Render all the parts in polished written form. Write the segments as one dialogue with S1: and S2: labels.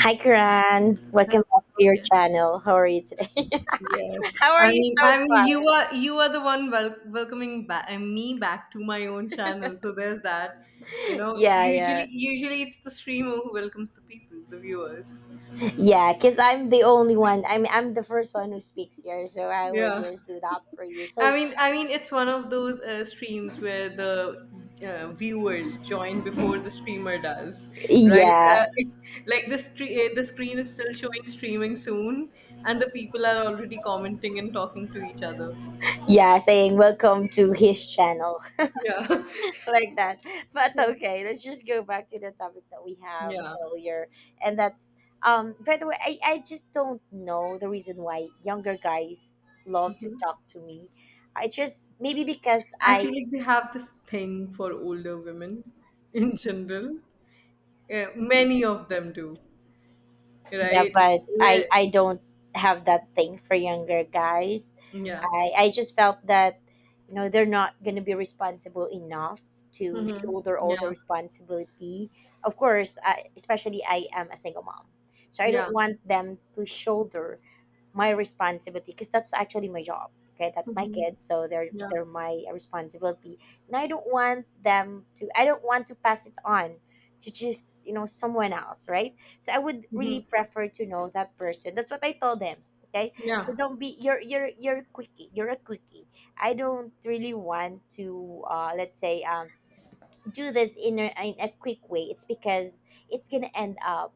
S1: Hi, Karan.
S2: Oh,
S1: Welcome back to your
S2: yeah.
S1: channel. How are you today?
S2: Yes.
S1: How are
S2: I
S1: you
S2: mean,
S1: so
S2: I mean,
S1: far?
S2: you are the one welcoming back me back to my own channel. So there's that. You know,
S1: Yeah,
S2: usually
S1: yeah,
S2: usually it's the streamer who welcomes the people, the viewers.
S1: yeah. Cause I'm the only one. I'm the first one who speaks here, so I will
S2: Yeah.
S1: just do that for you.
S2: I
S1: So
S2: mean, I mean, it's one of those streams where the viewers join before the streamer does, right?
S1: yeah,
S2: It's like the the screen is still showing streaming soon, and the people are already commenting and talking to each other.
S1: yeah. Saying welcome to his channel
S2: Yeah.
S1: like that. But
S2: Yeah.
S1: okay, let's just go back to the topic that we have
S2: Yeah.
S1: earlier, and that's By the way, I just don't know the reason why younger guys love to talk to me. I just maybe because
S2: I
S1: I
S2: feel like they have this thing for older women in general. Yeah, many of them do,
S1: yeah,
S2: right?
S1: but
S2: Where,
S1: I don't have that thing for younger guys.
S2: yeah,
S1: I just felt that, you know, they're not going to be responsible enough to shoulder all the
S2: yeah,
S1: responsibility. Of course I, especially I am a single mom, so I
S2: yeah,
S1: don't want them to shoulder my responsibility, because that's actually my job. Okay, that's my
S2: hmm,
S1: kids, so they're
S2: yeah,
S1: they're my responsibility, and I don't want them to I don't want to pass it on to just, you know, someone else, right? So I would
S2: hmm,
S1: really prefer to know that person. That's what I told them. Okay,
S2: yeah,
S1: so don't be you're quickie, you're a quickie. I don't really want to let's say do this in a quick way. It's because it's gonna end up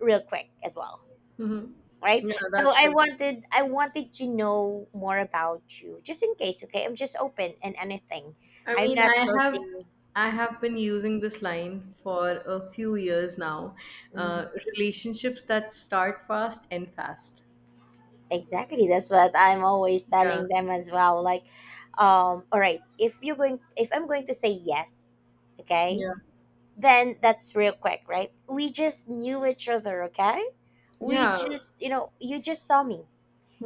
S1: real quick as well,
S2: hmm,
S1: right?
S2: yeah,
S1: So
S2: that's
S1: i
S2: true.
S1: wanted i wanted to know more about you, just in case. Okay, I'm just open and anything.
S2: I
S1: I'm
S2: mean,
S1: not
S2: I have
S1: closing.
S2: I have been using this line for a few years now. Uh,
S1: Mhm.
S2: relationships that start fast end fast.
S1: Exactly, that's what I'm always
S2: Yeah,
S1: telling them as well. Like, all right, if you're going, if I'm going to say yes, okay,
S2: yeah,
S1: then that's real quick, right? We just knew each other. Okay, we
S2: yeah,
S1: just, you know, you just saw me,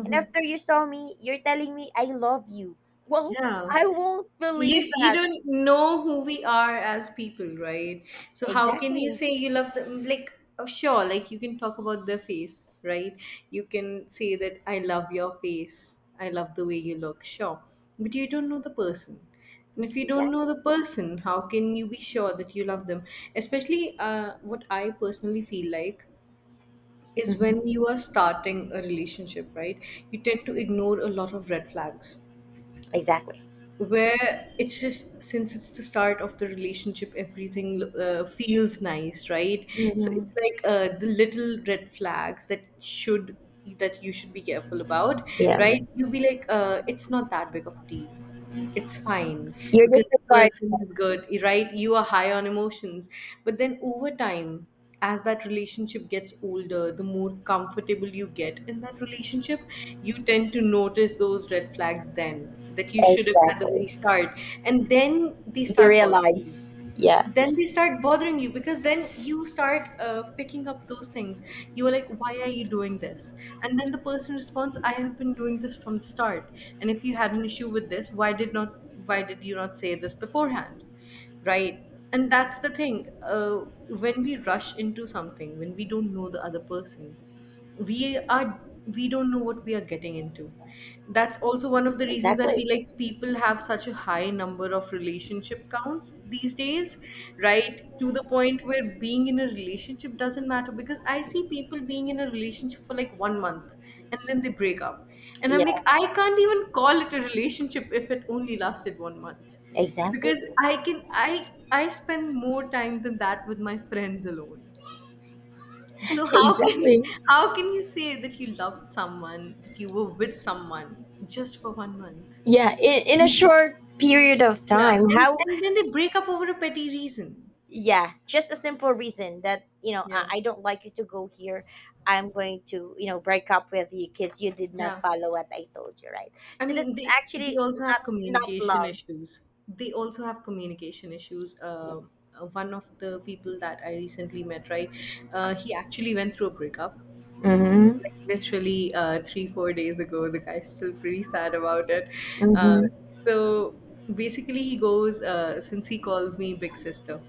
S1: and after you saw me, you're telling me I love you. Well,
S2: yeah.
S1: I won't
S2: you
S1: believe
S2: you
S1: that.
S2: don't know who we are as people, right? So how can you
S1: Exactly.
S2: say you love them? Like, oh, sure, like you can talk about their face, right? You can say that I love your face, I love the way you look, sure. But you don't know the person. And if you don't know
S1: Exactly.
S2: the person, how can you be sure that you love them? Especially, what I personally feel like is when
S1: Hmm.
S2: you are starting a relationship, right? You tend to ignore a lot of red flags,
S1: Exactly.
S2: where it's just, since it's the start of the relationship, everything feels nice, right? So it's
S1: Hmm.
S2: like, the little red flags that you should be careful about,
S1: Yeah.
S2: right? You'll be like, it's not that big of a deal, it's fine,
S1: Are
S2: because the
S1: disregard.
S2: person is good, right? You are high on emotions. But then over time, as that relationship gets older, the more comfortable you get in that relationship, you tend to notice those red flags then, that you should have at the
S1: Exactly.
S2: very start. And then they
S1: You
S2: start bothering you,
S1: realize. Yeah.
S2: then they start bothering you because then you start picking up those things. You are like, why are you doing this? And then the person responds, I have been doing this from the start. And if you had an issue with this, why did you not say this beforehand, right? And that's the thing, when we rush into something, when we don't know the other person, we are we don't know what we are getting into. That's also one of the reasons I
S1: Exactly.
S2: feel like people have such a high number of relationship counts these days, right? To the point where being in a relationship doesn't matter, because I see people being in a relationship for like one month, and then they break up. And I'm
S1: Yeah.
S2: like, I can't even call it a relationship if it only lasted one month,
S1: Exactly.
S2: because I can I spend more time than that with my friends alone. So how can
S1: Exactly.
S2: how can you say that you loved someone, that you were with someone just for one month?
S1: Yeah. In a
S2: And,
S1: short period of
S2: yeah,
S1: time,
S2: and,
S1: how?
S2: and then they break up over a petty reason.
S1: Yeah. Just a simple reason that, you know, I,
S2: Yeah.
S1: I don't like you to go here. I'm going to, you know, break up with you because you did not
S2: Yeah.
S1: follow what I told you, right?
S2: I
S1: So
S2: mean,
S1: that's
S2: they
S1: actually
S2: also
S1: not
S2: have
S1: not
S2: communication
S1: love.
S2: issues. They also have communication issues. One of the people that I recently met, right? He actually went through a breakup,
S1: Mm-hmm.
S2: like, literally, 3 or 4 days ago. The guy's still pretty sad about it. uh,
S1: Mm-hmm.
S2: so basically, he goes, since he calls me big sister,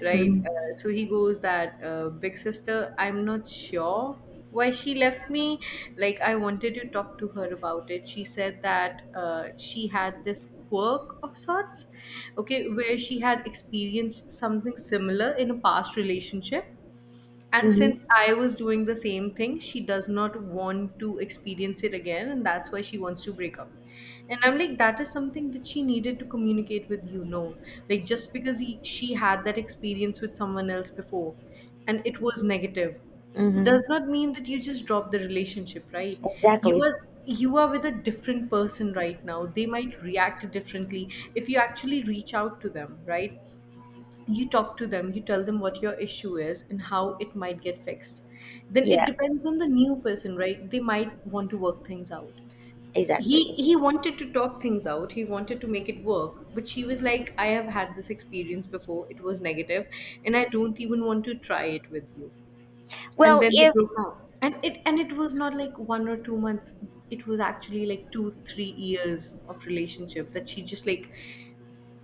S2: right, so he goes that, big sister, I'm not sure why she left me. Like, I wanted to talk to her about it. She said that, she had this quirk of sorts, okay, where she had experienced something similar in a past relationship. And since
S1: Mm-hmm.
S2: I was doing the same thing, she does not want to experience it again, and that's why she wants to break up. And I'm like, that is something that she needed to communicate with you. No, like, just because she had that experience with someone else before and it was negative does
S1: Mm-hmm.
S2: not mean that you just drop the relationship, right? you
S1: Exactly.
S2: are you are with a different person right now. They might react differently if you actually reach out to them, right? You talk to them, you tell them what your issue is and how it might get fixed. Then it
S1: Yeah.
S2: depends on the new person, right? They might want to work things out. He
S1: Exactly.
S2: he wanted to talk things out. He wanted to make it work, but she was like, "I have had this experience before. It was negative, and I don't even want to try it with you." And
S1: Well,
S2: then they
S1: if
S2: broke up. And it was not like 1 or 2 months. It was actually like two, 3 years of relationship that she just, like,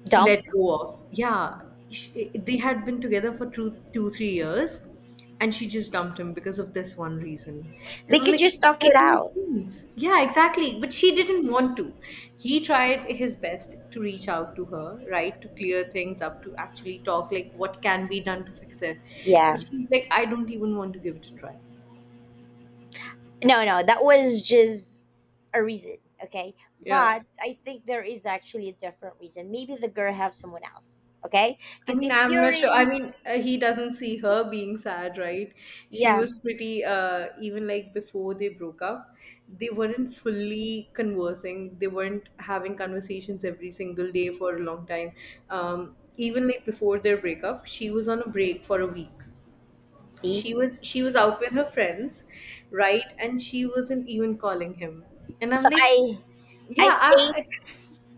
S1: dump,
S2: let go of. Yeah, they had been together for two, 3 years, and she just dumped him because of this one reason. And
S1: they
S2: I'm
S1: could
S2: like,
S1: just
S2: this
S1: talk it
S2: doesn't make
S1: out.
S2: sense. Yeah, exactly. But she didn't want to. He tried his best to reach out to her, right, to clear things up, to actually talk, like, what can be done to fix it. But
S1: Yeah.
S2: she's like, I don't even want to give it a try.
S1: No, no, that was just a reason. Okay.
S2: Yeah.
S1: But I think there is actually a different reason. Maybe the girl have someone else. Okay.
S2: I
S1: Because
S2: mean,
S1: if
S2: I'm
S1: you're
S2: not sure. I
S1: really,
S2: mean, he doesn't see her being sad, right? She
S1: yeah.
S2: was pretty, even like before they broke up, they weren't fully conversing. They weren't having conversations every single day for a long time. Even like before their breakup, she was on a break for a week.
S1: See.
S2: She was out with her friends, right? And she wasn't even calling him. And
S1: So
S2: I'm like,
S1: I
S2: yeah,
S1: think
S2: I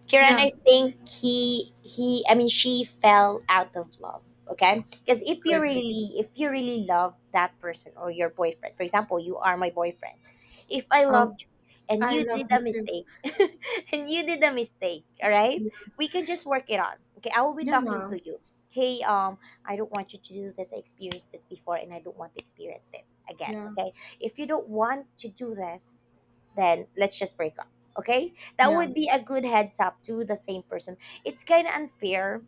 S1: Kiran,
S2: yeah,
S1: I think he I mean she fell out of love. Okay? Because if you
S2: could be.
S1: really, if you really love that person or your boyfriend, for example, you are my boyfriend. If I
S2: How
S1: loved you and
S2: I
S1: you
S2: love
S1: did a
S2: you too.
S1: mistake, and you did a mistake, all right?
S2: Yeah.
S1: We can just work it on. Okay, I will be talking
S2: Yeah.
S1: to you. Hey, I don't want you to do this. I experienced this before and I don't want to experience it again.
S2: Yeah,
S1: Okay. If you don't want to do this, then let's just break up. Okay, that
S2: yeah.
S1: would be a good heads up to the same person. It's kind of unfair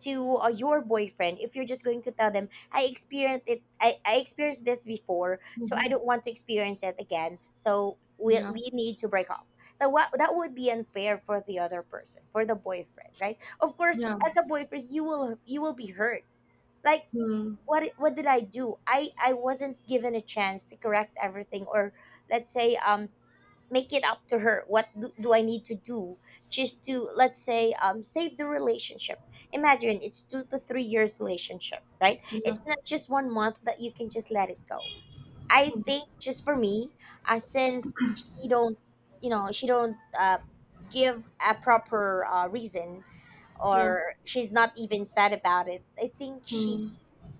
S1: to your boyfriend if you're just going to tell them, I experienced it, I experienced this before, so I
S2: Mhm.
S1: don't want to experience it again. So we,
S2: Yeah,
S1: we need to break up. That, what, that would be unfair for the other person, for the boyfriend, right? Of course,
S2: yeah.
S1: as a boyfriend, you will be hurt. Like,
S2: Hmm.
S1: what did I do? I wasn't given a chance to correct everything, or let's say make it up to her. What do I need to do just to, let's say, save the relationship? Imagine it's 2 to 3 years relationship, right?
S2: Yeah,
S1: It's not just 1 month that you can just let it go. I think just for me, since she don't, you know, she don't give a proper reason,
S2: yeah.
S1: or she's not even sad about it, I think she,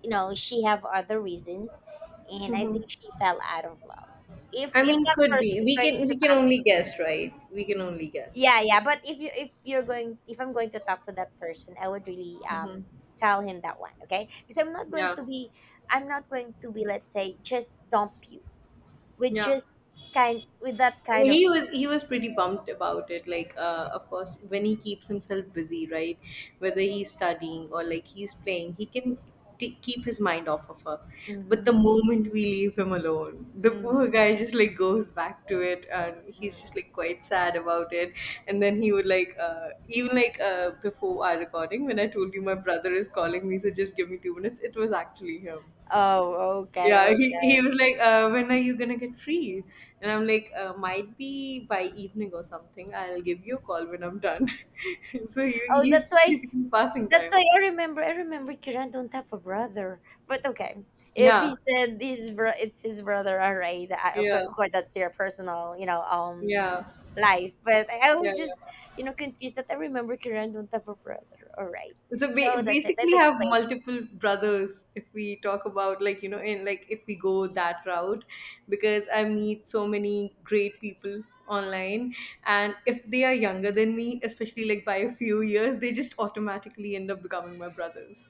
S1: you know, she have other reasons, and I think she fell out of love. if
S2: I
S1: if
S2: mean,
S1: that
S2: could be.
S1: person is
S2: We
S1: going,
S2: can we can only guess, right? We can only guess.
S1: yeah, yeah. But if you, if you're going, if I'm going to talk to that person, I would really
S2: Mhm.
S1: tell him that one, okay? Because I'm not going
S2: Yeah,
S1: to be I'm not going to be let's say just dump you with
S2: yeah.
S1: just kind, with that kind of
S2: He was pretty pumped about it, like, of course when he keeps himself busy, right? Whether he's studying or like he's playing, he can keep his mind off of her. But
S1: mm-hmm,
S2: the moment we leave him alone, the poor
S1: mm-hmm,
S2: guy just, like, goes back to it, and
S1: mm-hmm.
S2: he's just, like, quite sad about it. And then he would, like, even like, before our recording when I told you my brother is calling me, so just give me 2 minutes, it was actually him.
S1: Oh, okay,
S2: Yeah, he,
S1: okay.
S2: he was like, when are you gonna get free? And I'm like, might be by evening or something. I'll give you a call when I'm done. So he,
S1: Oh,
S2: he's
S1: that's
S2: just
S1: why.
S2: basically passing
S1: That's
S2: time.
S1: why I remember. I remember Kiran don't have a brother. But okay, if
S2: Yeah,
S1: he said this, bro, it's his brother. All right, I, of
S2: yeah,
S1: course, that's your personal, you know,
S2: yeah,
S1: life. But I
S2: yeah,
S1: was just,
S2: yeah.
S1: you know, confused that I remember Kiran don't have a brother. All right,
S2: So,
S1: so that's it.
S2: basically,
S1: That
S2: have
S1: explains.
S2: multiple brothers if we talk about, like, in, like, if we go that route, because I meet so many great people online, and if they are younger than me, especially like by a few years, they just automatically end up becoming my brothers.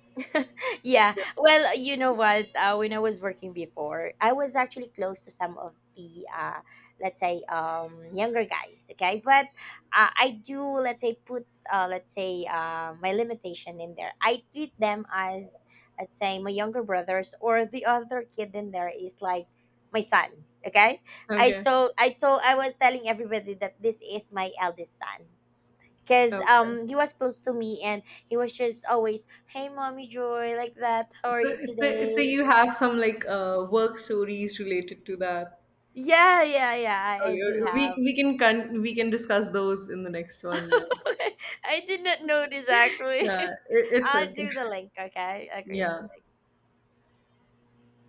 S1: Yeah.
S2: Yeah.
S1: Well, you know what? When I was working before, I was actually close to some of the, let's say, younger guys. Okay, but I do, let's say, put, let's say, my limitation in there. I treat them as, let's say, my younger brothers, or the other kid in there is like my son. Okay,
S2: Okay,
S1: I was telling everybody that this is my eldest son because
S2: okay.
S1: he was close to me, and he was just always, hey mommy Joy, like that, how are you
S2: So
S1: today?
S2: you have some, like, work stories related to that.
S1: Yeah, yeah, yeah, I do
S2: Okay. we
S1: have.
S2: we can discuss those in the next one then.
S1: I did not know this
S2: Yeah.
S1: actually.
S2: it, it's
S1: I'll
S2: okay.
S1: do the link, okay? I create the
S2: Yeah.
S1: link.